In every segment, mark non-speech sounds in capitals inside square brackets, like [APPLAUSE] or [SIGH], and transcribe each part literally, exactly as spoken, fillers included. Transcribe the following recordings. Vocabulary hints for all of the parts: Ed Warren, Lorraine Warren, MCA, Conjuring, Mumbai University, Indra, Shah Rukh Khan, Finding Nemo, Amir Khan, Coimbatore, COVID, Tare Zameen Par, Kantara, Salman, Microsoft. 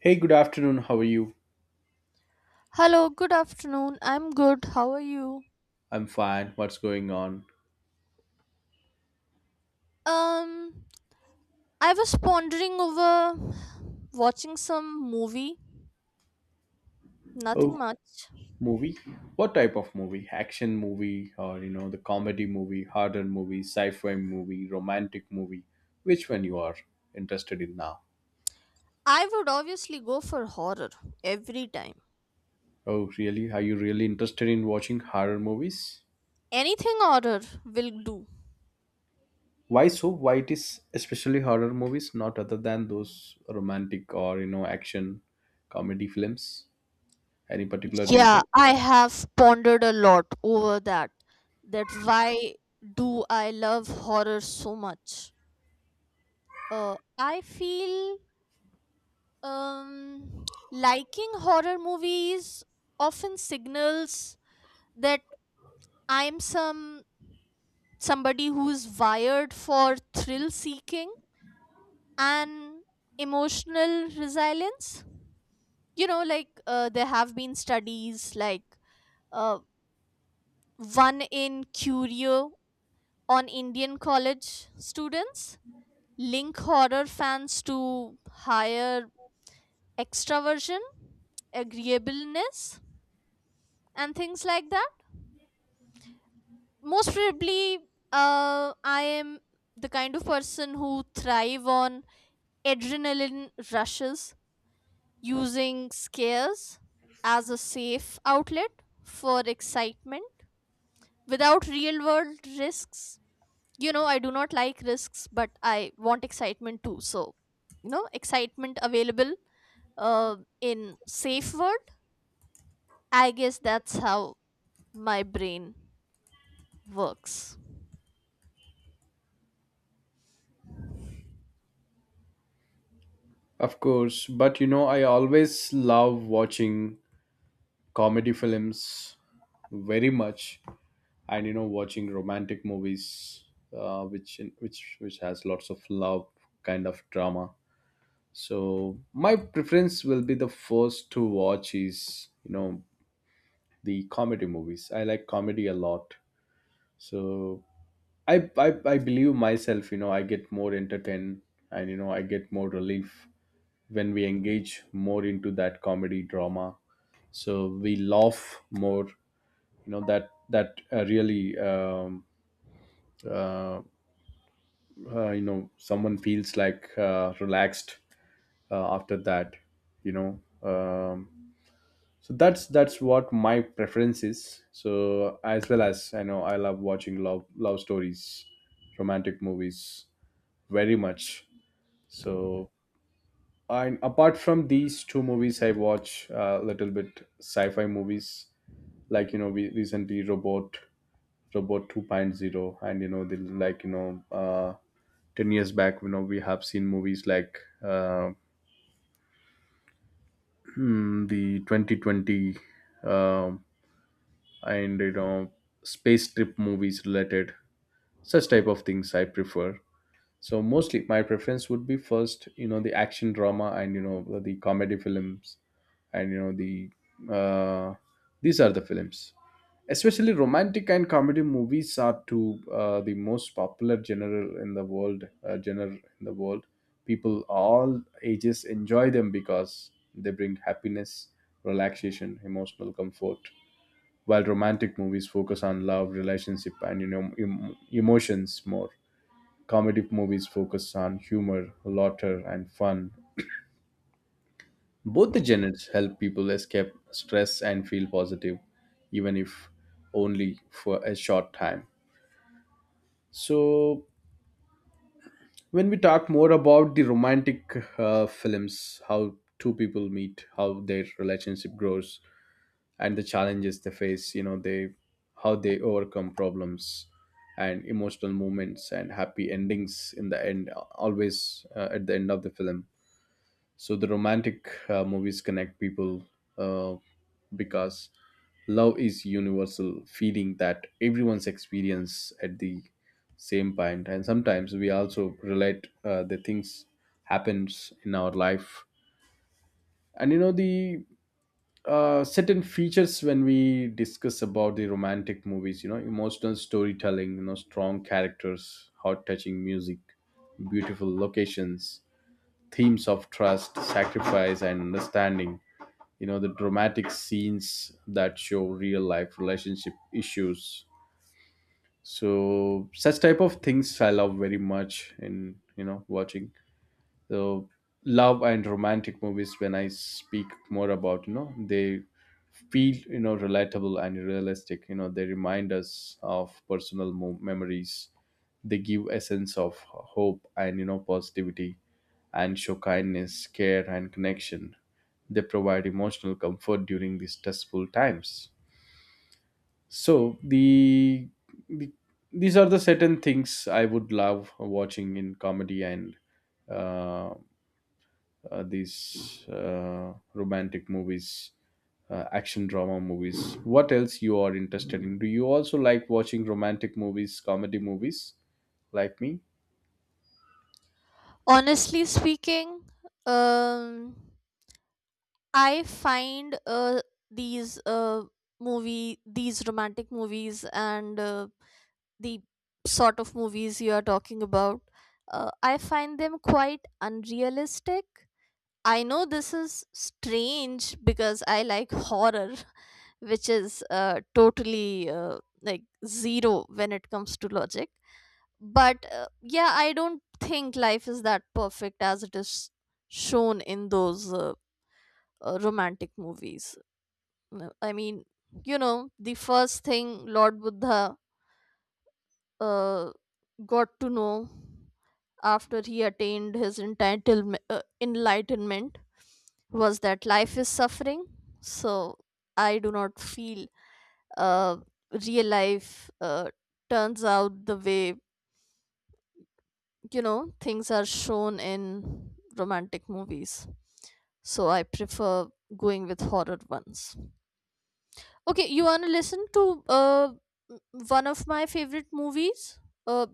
Hey, good afternoon. How are you? Hello, good afternoon. I'm good. How are you? I'm fine. What's going on? Um, I was pondering over watching some movie. Oh, Nothing much. movie? What type of movie? Action movie or you know the comedy movie, horror movie, sci-fi movie, romantic movie? Which one you are interested in now? I would obviously go for horror every time. Oh, really? Are you really interested in watching horror movies? Anything horror will do. Why so? Why it is especially horror movies, not other than those romantic or you know action comedy films? Any particular Yeah, reason? I have pondered a lot over that. That why do I love horror so much? Uh, I feel um liking horror movies often signals that I'm some somebody who's wired for thrill seeking and emotional resilience. You know, like uh, there have been studies like uh, one in Curio on Indian college students link horror fans to higher extraversion, agreeableness, and things like that. Most probably, uh, I am the kind of person who thrive on adrenaline rushes using scares as a safe outlet for excitement without real world risks. You know I do not like risks but I want excitement too, so, you know, excitement available, uh, in safe word. I guess that's how my brain works. Of course, but you know, I always love watching comedy films very much, and you know, watching romantic movies, uh, which which which has lots of love kind of drama. So my preference will be the first to watch is you know the comedy movies. I like comedy a lot. So I I, I believe myself, you know, I get more entertained and you know I get more relief when we engage more into that comedy drama. So we laugh more you know that that uh, really um, uh, uh, you know someone feels like uh, relaxed uh, after that you know um, so that's that's what my preference is. So as well as I know, I love watching love love stories, romantic movies very much. So and apart from these two movies, I watch a little bit sci-fi movies, like you know, we recently robot robot 2.0, and you know, the like you know, uh ten years back, you know, we have seen movies like uh [CLEARS THROAT] the twenty twenty, um and you know, space trip movies related, such type of things I prefer. So mostly my preference would be first, you know, the action drama and you know the comedy films, and you know the uh, these are the films. Especially romantic and comedy movies are two uh, the most popular genre in the world. Uh, genre in the world, people all ages enjoy them because they bring happiness, relaxation, emotional comfort. While romantic movies focus on love, relationship, and you know em- emotions more. Comedy movies focus on humor, laughter, and fun. Both the genres help people escape stress and feel positive, even if only for a short time. So, when we talk more about the romantic uh, films, how two people meet, how their relationship grows, and the challenges they face, you know, they how they overcome problems and emotional moments and happy endings in the end always uh, at the end of the film. So the romantic uh, movies connect people uh, because love is universal feeling that everyone's experience at the same point, and sometimes we also relate uh, the things happens in our life, and you know the uh, certain features when we discuss about the romantic movies, you know, emotional storytelling, you know, strong characters, heart touching music, beautiful locations, themes of trust, sacrifice and understanding, you know, the dramatic scenes that show real life relationship issues. So such type of things I love very much in you know watching. So love and romantic movies, when I speak more about, you know, they feel, you know, relatable and realistic. You know, they remind us of personal mo- memories. They give a sense of hope and, you know, positivity and show kindness, care and connection. They provide emotional comfort during these stressful times. So the, the these are the certain things I would love watching in comedy and uh, uh, these uh, romantic movies, uh, action drama movies. What else you are interested in? Do you also like watching romantic movies, comedy movies, like me? Honestly speaking, um I find uh, these uh, movie, these romantic movies, and uh, the sort of movies you are talking about, uh, I find them quite unrealistic. I know this is strange because I like horror, [LAUGHS] which is uh, totally uh, like zero when it comes to logic. But uh, yeah, I don't think life is that perfect as it is shown in those uh, uh, romantic movies. No, I mean, you know, the first thing Lord Buddha uh, got to know after he attained his entitlem- uh, enlightenment was that life is suffering. So I do not feel, uh, real life uh, turns out the way, you know, things are shown in romantic movies. So I prefer going with horror ones. Okay, you wanna listen to uh m- one of my favorite movies? Uh,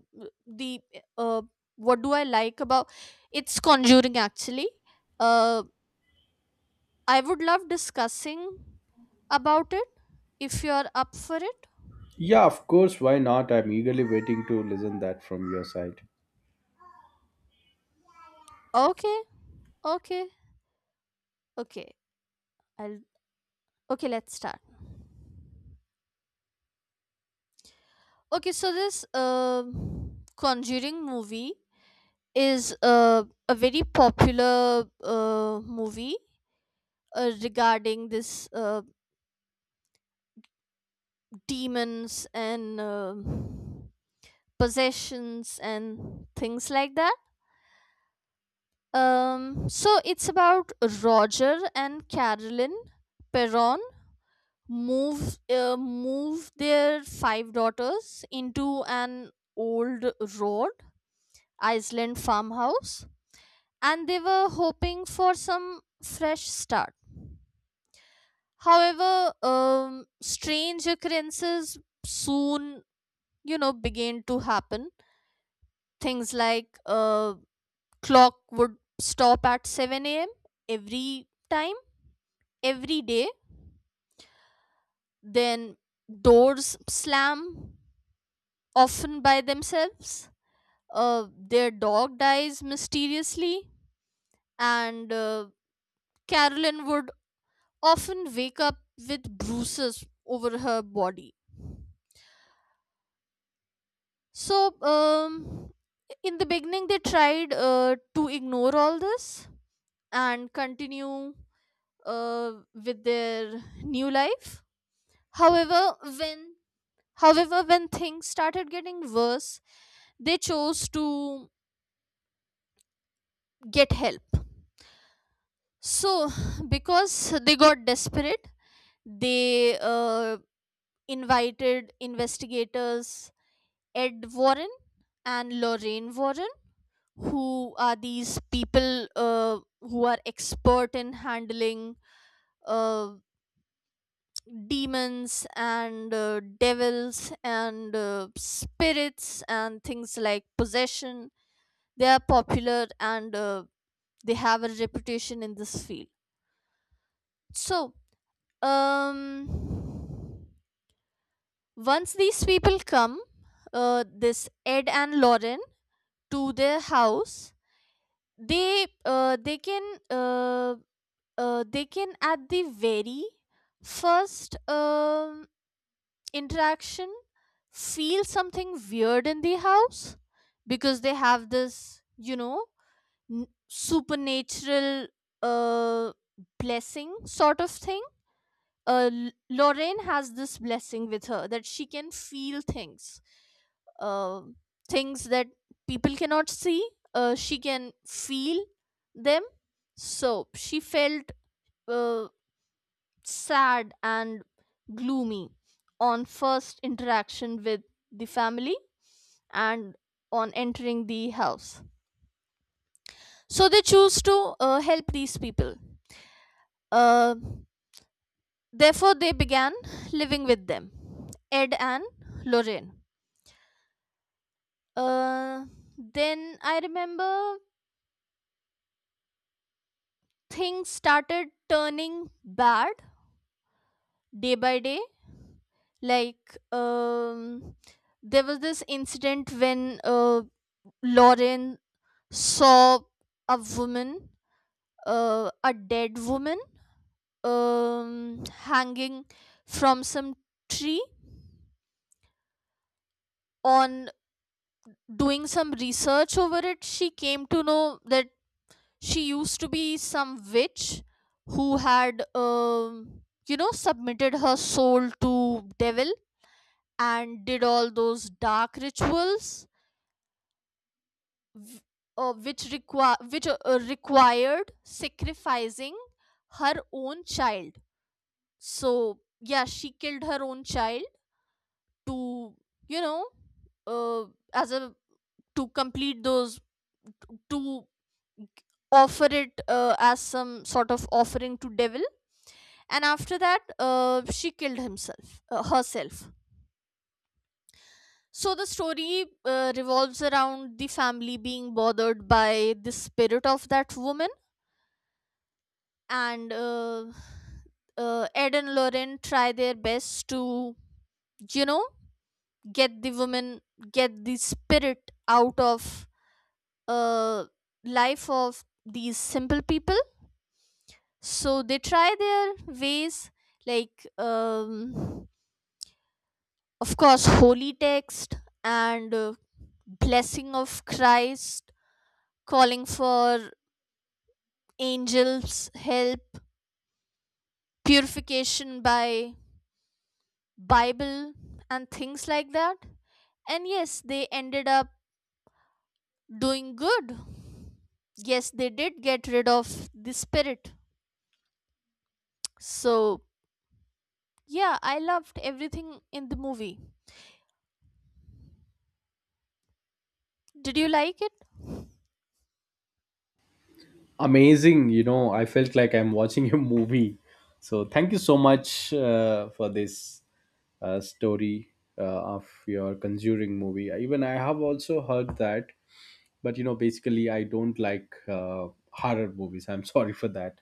the uh, what do I like about? It's Conjuring actually. Uh, I would love discussing about it if you're up for it. Yeah, of course. Why not? I'm eagerly waiting to listen that from your side. Okay, okay, okay. I'll okay. Let's start. Okay, so this uh, Conjuring movie is uh, a very popular uh, movie uh, regarding this, uh, demons and um possessions and things like that. Um, so it's about Roger and Carolyn Perron move uh, move their five daughters into an old road Iceland farmhouse, and they were hoping for some fresh start. However, um, strange occurrences soon, you know, began to happen. Things like, uh, clock would stop at seven a m a.m every time, every day. Then doors slam often by themselves, uh, their dog dies mysteriously, and uh, Carolyn would often wake up with bruises over her body. So um, in the beginning they tried uh, to ignore all this and continue uh, with their new life. However, when however when things started getting worse, they chose to get help. So, because they got desperate, they, uh, invited investigators Ed Warren and Lorraine Warren, who are these people, uh, who are expert in handling, uh, demons and uh, devils and uh, spirits and things like possession. They are popular and, uh, they have a reputation in this field. So um once these people come, uh, this Ed and Lauren, to their house, they uh, they can uh, uh, they can at the very first um interaction feel something weird in the house because they have this, you know, n- supernatural uh blessing sort of thing. Uh L- lorraine has this blessing with her that she can feel things, uh, things that people cannot see. Uh she can feel them. So she felt, uh, sad and gloomy on first interaction with the family and on entering the house. So they choose to uh, help these people. Uh, Therefore, they began living with them, Ed and Lorraine. Uh, then I remember things started turning bad day by day. Like um, there was this incident when, uh, Lauren saw a woman, uh, a dead woman, um, hanging from some tree. On doing some research over it, she came to know that she used to be some witch who had, um, you know, submitted her soul to devil and did all those dark rituals. W- Uh, which require which uh, uh, Required sacrificing her own child. So yeah, she killed her own child to, you know, uh, as a to complete those to offer it uh, as some sort of offering to devil, and after that, uh, she killed himself uh, herself. So the story, uh, revolves around the family being bothered by the spirit of that woman, and uh, uh, Ed and Lauren try their best to, you know, get the women get the spirit out of uh life of these simple people. So they try their ways, like um of course holy text and, uh, blessing of Christ, calling for angels help, purification by bible, and things like that. And yes, they ended up doing good. Yes, they did get rid of the spirit. So, yeah, I loved everything in the movie. Did you like it? Uh, Amazing. You know, I felt like I'm watching a movie. So thank you so much uh, for this uh, story uh, of your Conjuring movie. Even I have also heard that, but you know, basically I don't like uh, horror movies. I'm [LAUGHS] sorry for that.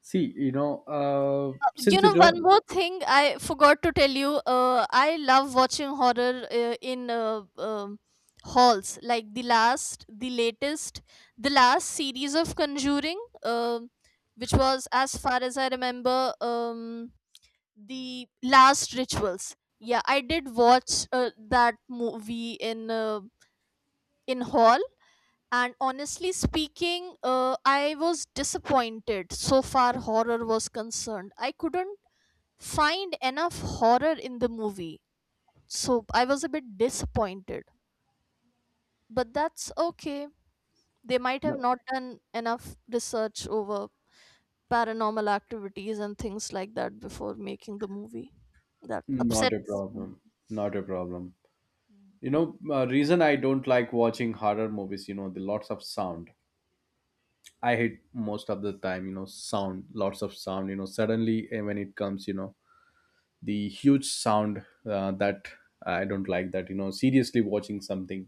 See, you know, uh, You since you know, one don't. more thing I forgot to tell you. Uh, I love watching horror uh, in uh, um halls. Like the last, the latest, the last series of Conjuring, um which was, as far as I remember, um, the last rituals. Yeah, I did watch uh, that movie in, uh, in hall, and honestly speaking, uh, I was disappointed. So far horror was concerned, I couldn't find enough horror in the movie, so I was a bit disappointed. But that's okay. They might have No, not done enough research over paranormal activities and things like that before making the movie. That not a upsets me. problem, not a problem. You know, uh, reason I don't like watching horror movies, you know, the lots of sound I hate. Most of the time, you know, sound, lots of sound, you know, suddenly eh, when it comes, you know, the huge sound, uh, that I don't like that, you know, seriously watching something.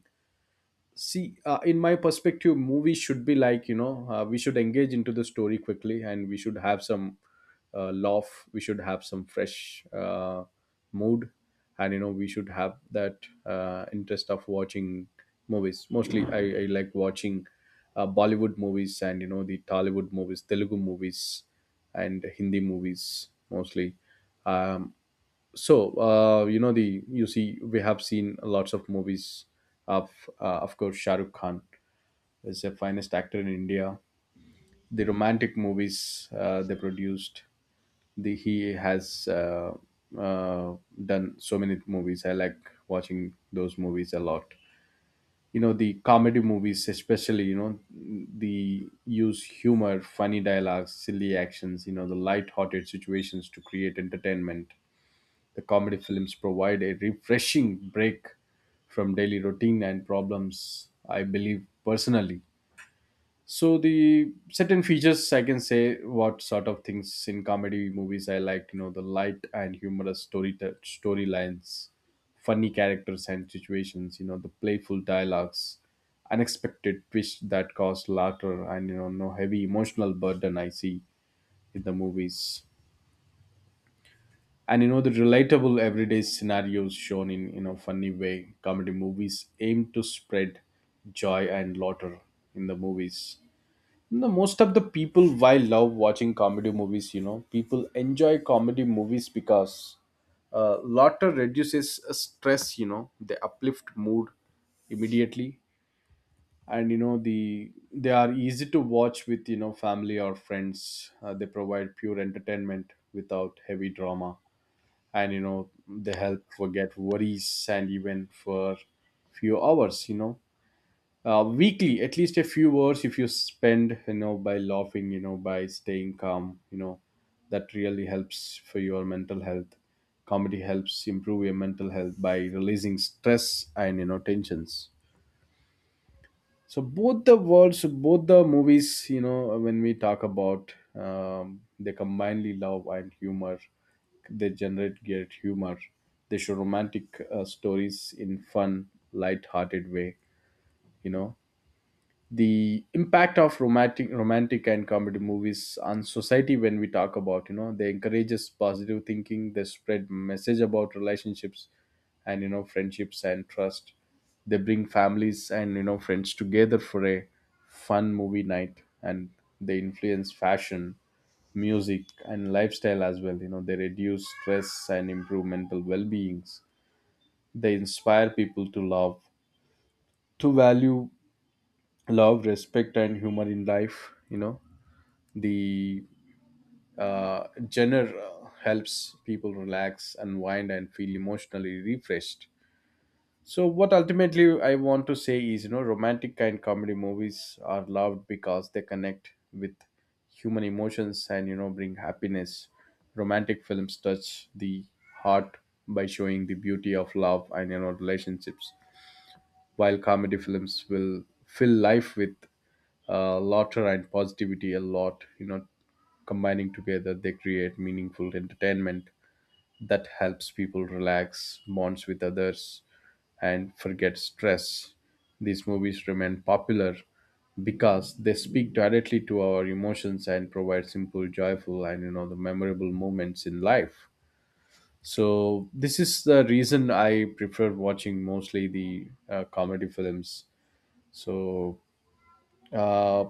See, uh, in my perspective movies should be like, you know, uh, we should engage into the story quickly and we should have some uh, laugh, we should have some fresh uh, mood, and you know we should have that uh, interest of watching movies. Mostly i, I like watching uh, Bollywood movies, and you know the Tollywood movies, Telugu movies and Hindi movies mostly. um, so uh, you know the you see we have seen lots of movies of uh, of course Shah Rukh Khan is the finest actor in India. The romantic movies uh, they produced, the he has uh, uh, done so many movies. I like watching those movies a lot. You know the comedy movies, especially you know the use humor, funny dialogues, silly actions. You know the light-hearted situations to create entertainment. The comedy films provide a refreshing break from daily routine and problems, I believe personally. So the certain features I can say what sort of things in comedy movies I like, you know, the light and humorous story storylines, funny characters and situations, you know, the playful dialogues, unexpected twist that cause laughter, and you know no heavy emotional burden I see in the movies. And you know the relatable everyday scenarios shown in you know funny way, comedy movies aim to spread joy and laughter in the movies. The most of the people why love watching comedy movies, you know, people enjoy comedy movies because uh, laughter reduces uh, stress, you know they uplift mood immediately, and you know the they are easy to watch with you know family or friends. uh, they provide pure entertainment without heavy drama, and you know they help forget worries, and even for few hours you know, uh, weekly at least a few hours if you spend, you know, by laughing, you know, by staying calm, you know, that really helps for your mental health. Comedy helps improve your mental health by releasing stress and you know tensions. So both the worlds, both the movies, you know, when we talk about, um, they combinely love and humor, they generate great humor, they show romantic uh, stories in fun light-hearted way, you know. The impact of romantic romantic and comedy movies on society when we talk about, you know, they encourages positive thinking, they spread message about relationships and you know friendships and trust. They bring families and you know friends together for a fun movie night, and they influence fashion, music and lifestyle as well. You know they reduce stress and improve mental well-beings, they inspire people to love, to value love, respect and humor in life. You know the uh, genre uh, helps people relax, unwind and feel emotionally refreshed. So what ultimately I want to say is, you know, romantic kind comedy movies are loved because they connect with human emotions and you know bring happiness. Romantic films touch the heart by showing the beauty of love and you know relationships, while comedy films will fill life with uh, laughter and positivity a lot. You know combining together they create meaningful entertainment that helps people relax, bonds with others, and forget stress. These movies remain popular because they speak directly to our emotions and provide simple, joyful and you know the memorable moments in life. So this is the reason I prefer watching mostly the uh, comedy films. So, uh,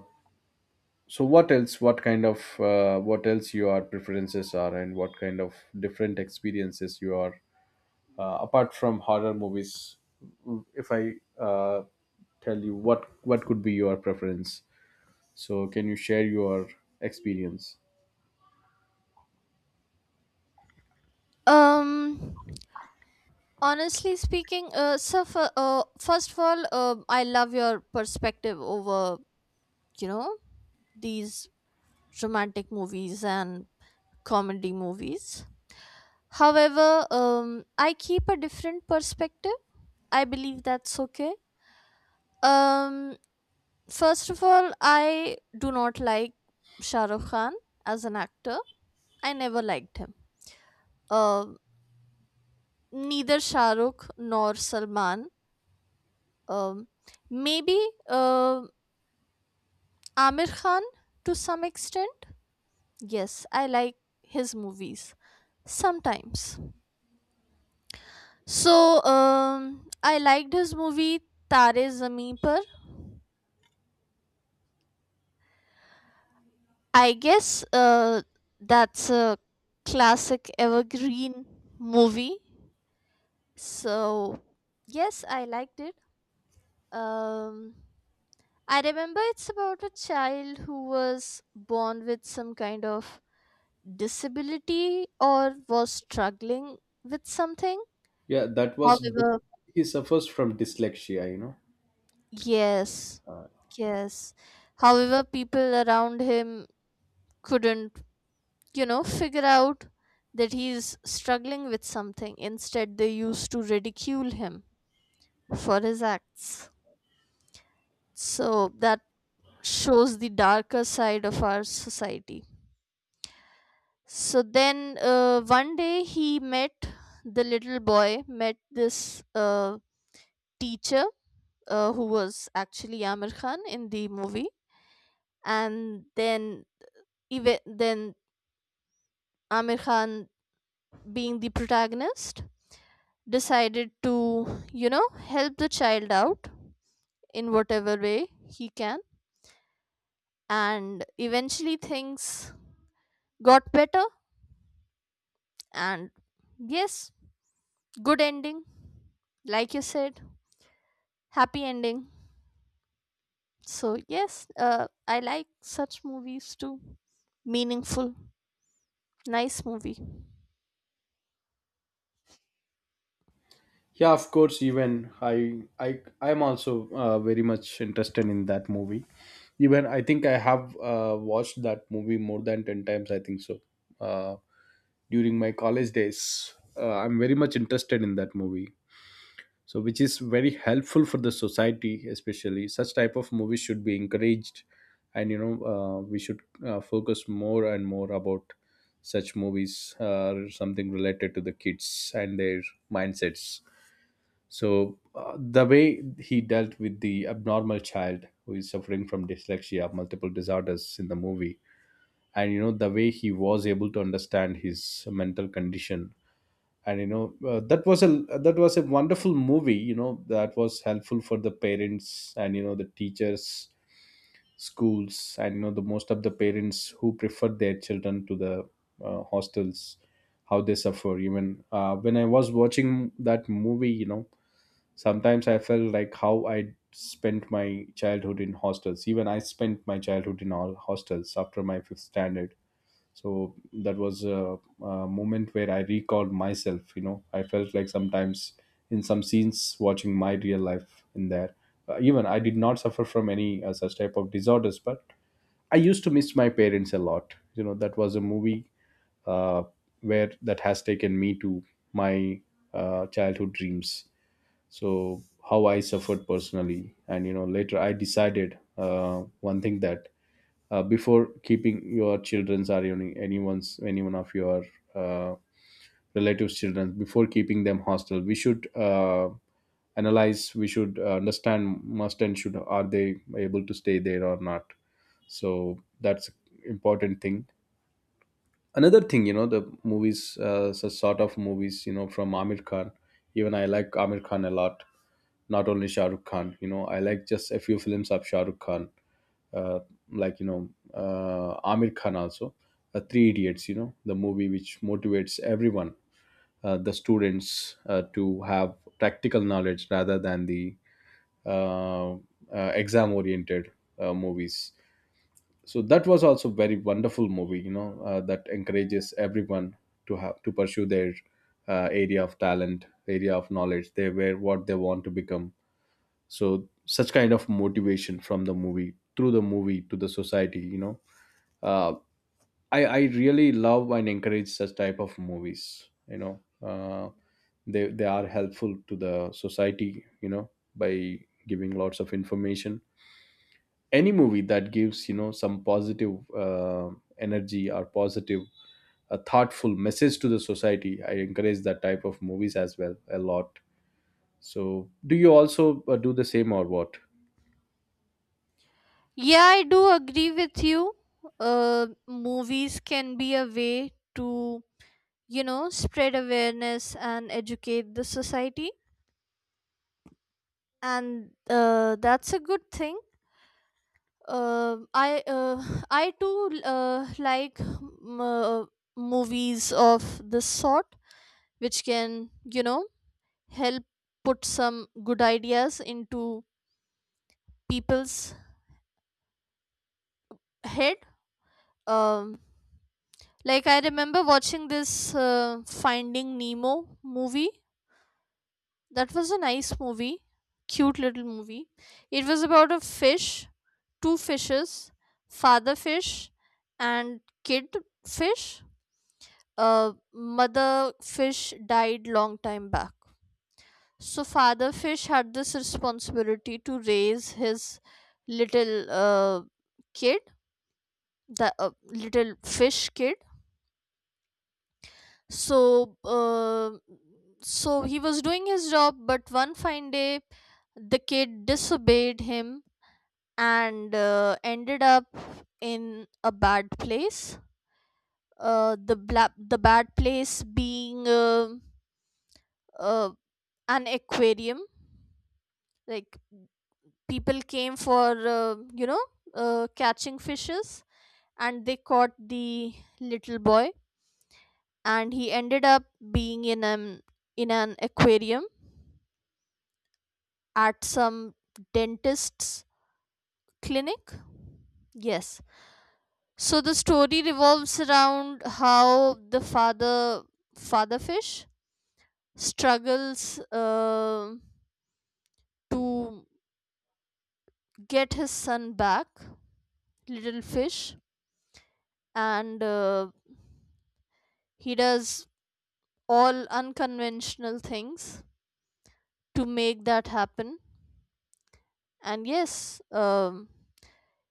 so what else? What kind of uh, what else your preferences are, and what kind of different experiences you are uh, apart from horror movies? If I uh, tell you what what could be your preference, so can you share your experience? um Honestly speaking, uh, so for, uh, first of all, uh, I love your perspective over, you know, these romantic movies and comedy movies. However, um, I keep a different perspective. I believe that's okay. um, First of all, I do not like Shah Rukh Khan as an actor. I never liked him. Um, neither Shah Rukh nor Salman, um, maybe, uh, Amir Khan to some extent. Yes, I like his movies sometimes. So um, I liked his movie Tare Zameen Par. I guess, uh, that's a classic evergreen movie. So yes, I liked it. Um, I remember it's about a child who was born with some kind of disability or was struggling with something. Yeah, that was dys- However, he suffers from dyslexia, you know. yes, yes. However, people around him couldn't, you know, figure out that he's struggling with something. Instead, they used to ridicule him for his acts. So that shows the darker side of our society. So then, uh, one day he met the little boy, met this uh, teacher, uh, who was actually Amir Khan in the movie, and then even then Amir Khan, being the protagonist, decided to, you know, help the child out in whatever way he can. And eventually things got better. And yes, good ending. Like you said, happy ending. So, yes, uh, I like such movies too. Meaningful, nice movie. Yeah, of course. Even I, I, I'm also uh, very much interested in that movie. Even I think I have uh, watched that movie more than ten times. I think so. Uh, during my college days, uh, I'm very much interested in that movie. So, which is very helpful for the society, especially such type of movies should be encouraged, and you know, uh, we should uh, focus more and more about such movies, uh, something related to the kids and their mindsets. So uh, the way he dealt with the abnormal child who is suffering from dyslexia, multiple disorders in the movie, and you know the way he was able to understand his mental condition, and you know uh, that was a that was a wonderful movie. You know that was helpful for the parents and you know the teachers, schools, and you know the most of the parents who preferred their children to the uh, hostels, how they suffer. Even uh, when I was watching that movie, you know, sometimes I felt like how I spent my childhood in hostels. Even I spent my childhood in all hostels after my fifth standard. So that was a, a moment where I recalled myself. You know, I felt like sometimes in some scenes watching my real life in there. Uh, even I did not suffer from any uh, such type of disorders, but I used to miss my parents a lot. You know, that was a movie uh, where that has taken me to my uh, childhood dreams. So how I suffered personally, and you know later I decided uh, one thing that uh, before keeping your children's or any, anyone's, anyone of your uh, relatives children, before keeping them hostel, we should uh, analyze, we should uh, understand must and should, are they able to stay there or not. So that's important thing. Another thing, you know, the movies, uh, such sort of movies, you know, from Amir Khan. Even I like Amir Khan a lot, not only Shah Rukh Khan. You know, I like just a few films of Shah Rukh Khan. uh, like, you know, uh, Amir Khan also, uh, Three Idiots, you know, the movie which motivates everyone, uh, the students, uh, to have practical knowledge rather than the uh, uh, exam oriented uh, movies. So that was also very wonderful movie, you know, uh, that encourages everyone to have to pursue their uh, area of talent, area of knowledge, they were what they want to become. So such kind of motivation from the movie, through the movie to the society, you know, uh, i i really love and encourage such type of movies, you know, uh, they they are helpful to the society, you know, by giving lots of information. Any movie that gives, you know, some positive uh, energy or positive, a thoughtful message to the society, I encourage that type of movies as well a lot. So do you also uh, do the same or what? Yeah, I do agree with you. Uh, movies can be a way to, you know, spread awareness and educate the society, and uh, that's a good thing. Uh, i uh, [SIGHS] i too uh, like m- uh, movies of this sort which can, you know, help put some good ideas into people's head. um, like I remember watching this uh, finding nemo movie. That was a nice movie, cute little movie. It was about a fish, two fishes, father fish and kid fish. Uh, mother fish died long time back. So father fish had this responsibility to raise his little uh, kid, the uh, little fish kid. So uh, so he was doing his job, but one fine day the kid disobeyed him and, uh, ended up in a bad place. Uh, the bla- the bad place being, uh, uh, an aquarium. Like people came for, uh, you know, uh, catching fishes, and they caught the little boy, and he ended up being in an in an aquarium at some dentist's clinic. Yes, so the story revolves around how the father father fish struggles, uh, to get his son back, little fish, and, uh, he does all unconventional things to make that happen. And yes, um,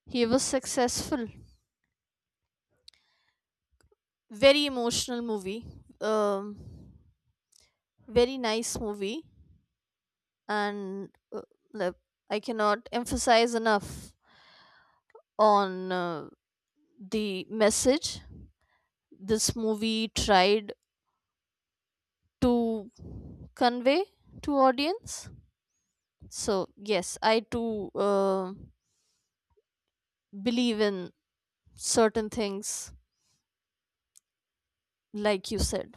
he was successful. Very emotional movie. Um, Very nice movie, and, uh, like, I cannot emphasize enough on, uh, the message this movie tried to convey to audience. So yes, i too uh, believe in certain things, like you said.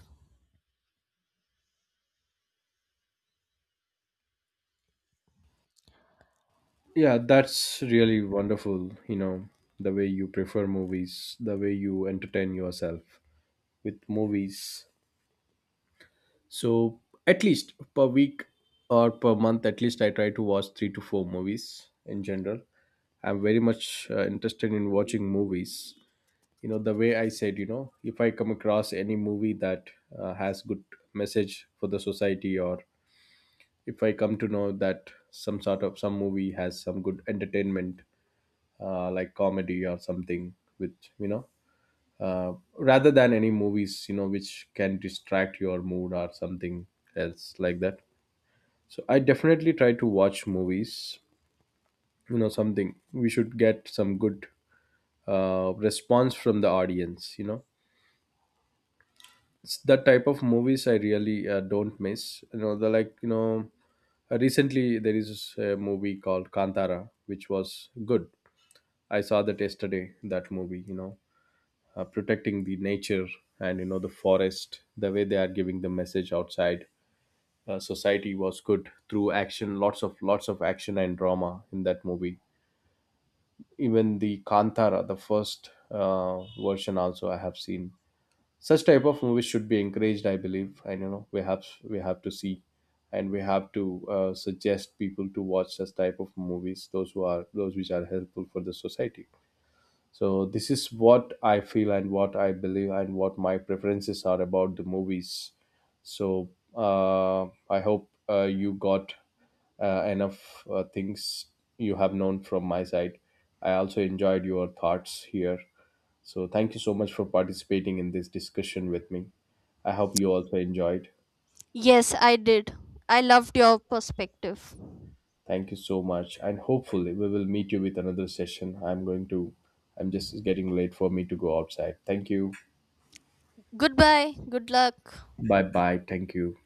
Yeah, that's really wonderful, you know, the way you prefer movies, the way you entertain yourself with movies. So at least per week or per month, at least I try to watch three to four movies in general. I'm very much uh, interested in watching movies. You know, the way I said, you know, if I come across any movie that uh, has good message for the society, or if I come to know that some sort of some movie has some good entertainment, uh, like comedy or something, which you know, uh, rather than any movies, you know, which can distract your mood or something else like that. So I definitely try to watch movies, you know, something we should get some good uh, response from the audience, you know. It's the type of movies I really uh, don't miss. You know, the, like, you know, uh, recently there is a movie called Kantara, which was good. I saw that yesterday. That movie, you know, uh, protecting the nature and you know the forest. The way they are giving the message outside uh, society was good through action. Lots of lots of action and drama in that movie. Even the Kantara, the first uh, version also I have seen. Such type of movies should be encouraged, I believe. I don't know, we have, we have to see, and we have to uh, suggest people to watch such type of movies, those who are, those which are helpful for the society. So this is what I feel and what I believe and what my preferences are about the movies. So uh, I hope uh, you got uh, enough uh, things you have known from my side. I also enjoyed your thoughts here. So, thank you so much for participating in this discussion with me. I hope you also enjoyed. Yes, I did. I loved your perspective. Thank you so much, and hopefully we will meet you with another session. I'm going to. I'm just, it's getting late for me to go outside. Thank you. Goodbye, good luck. Bye bye. Thank you.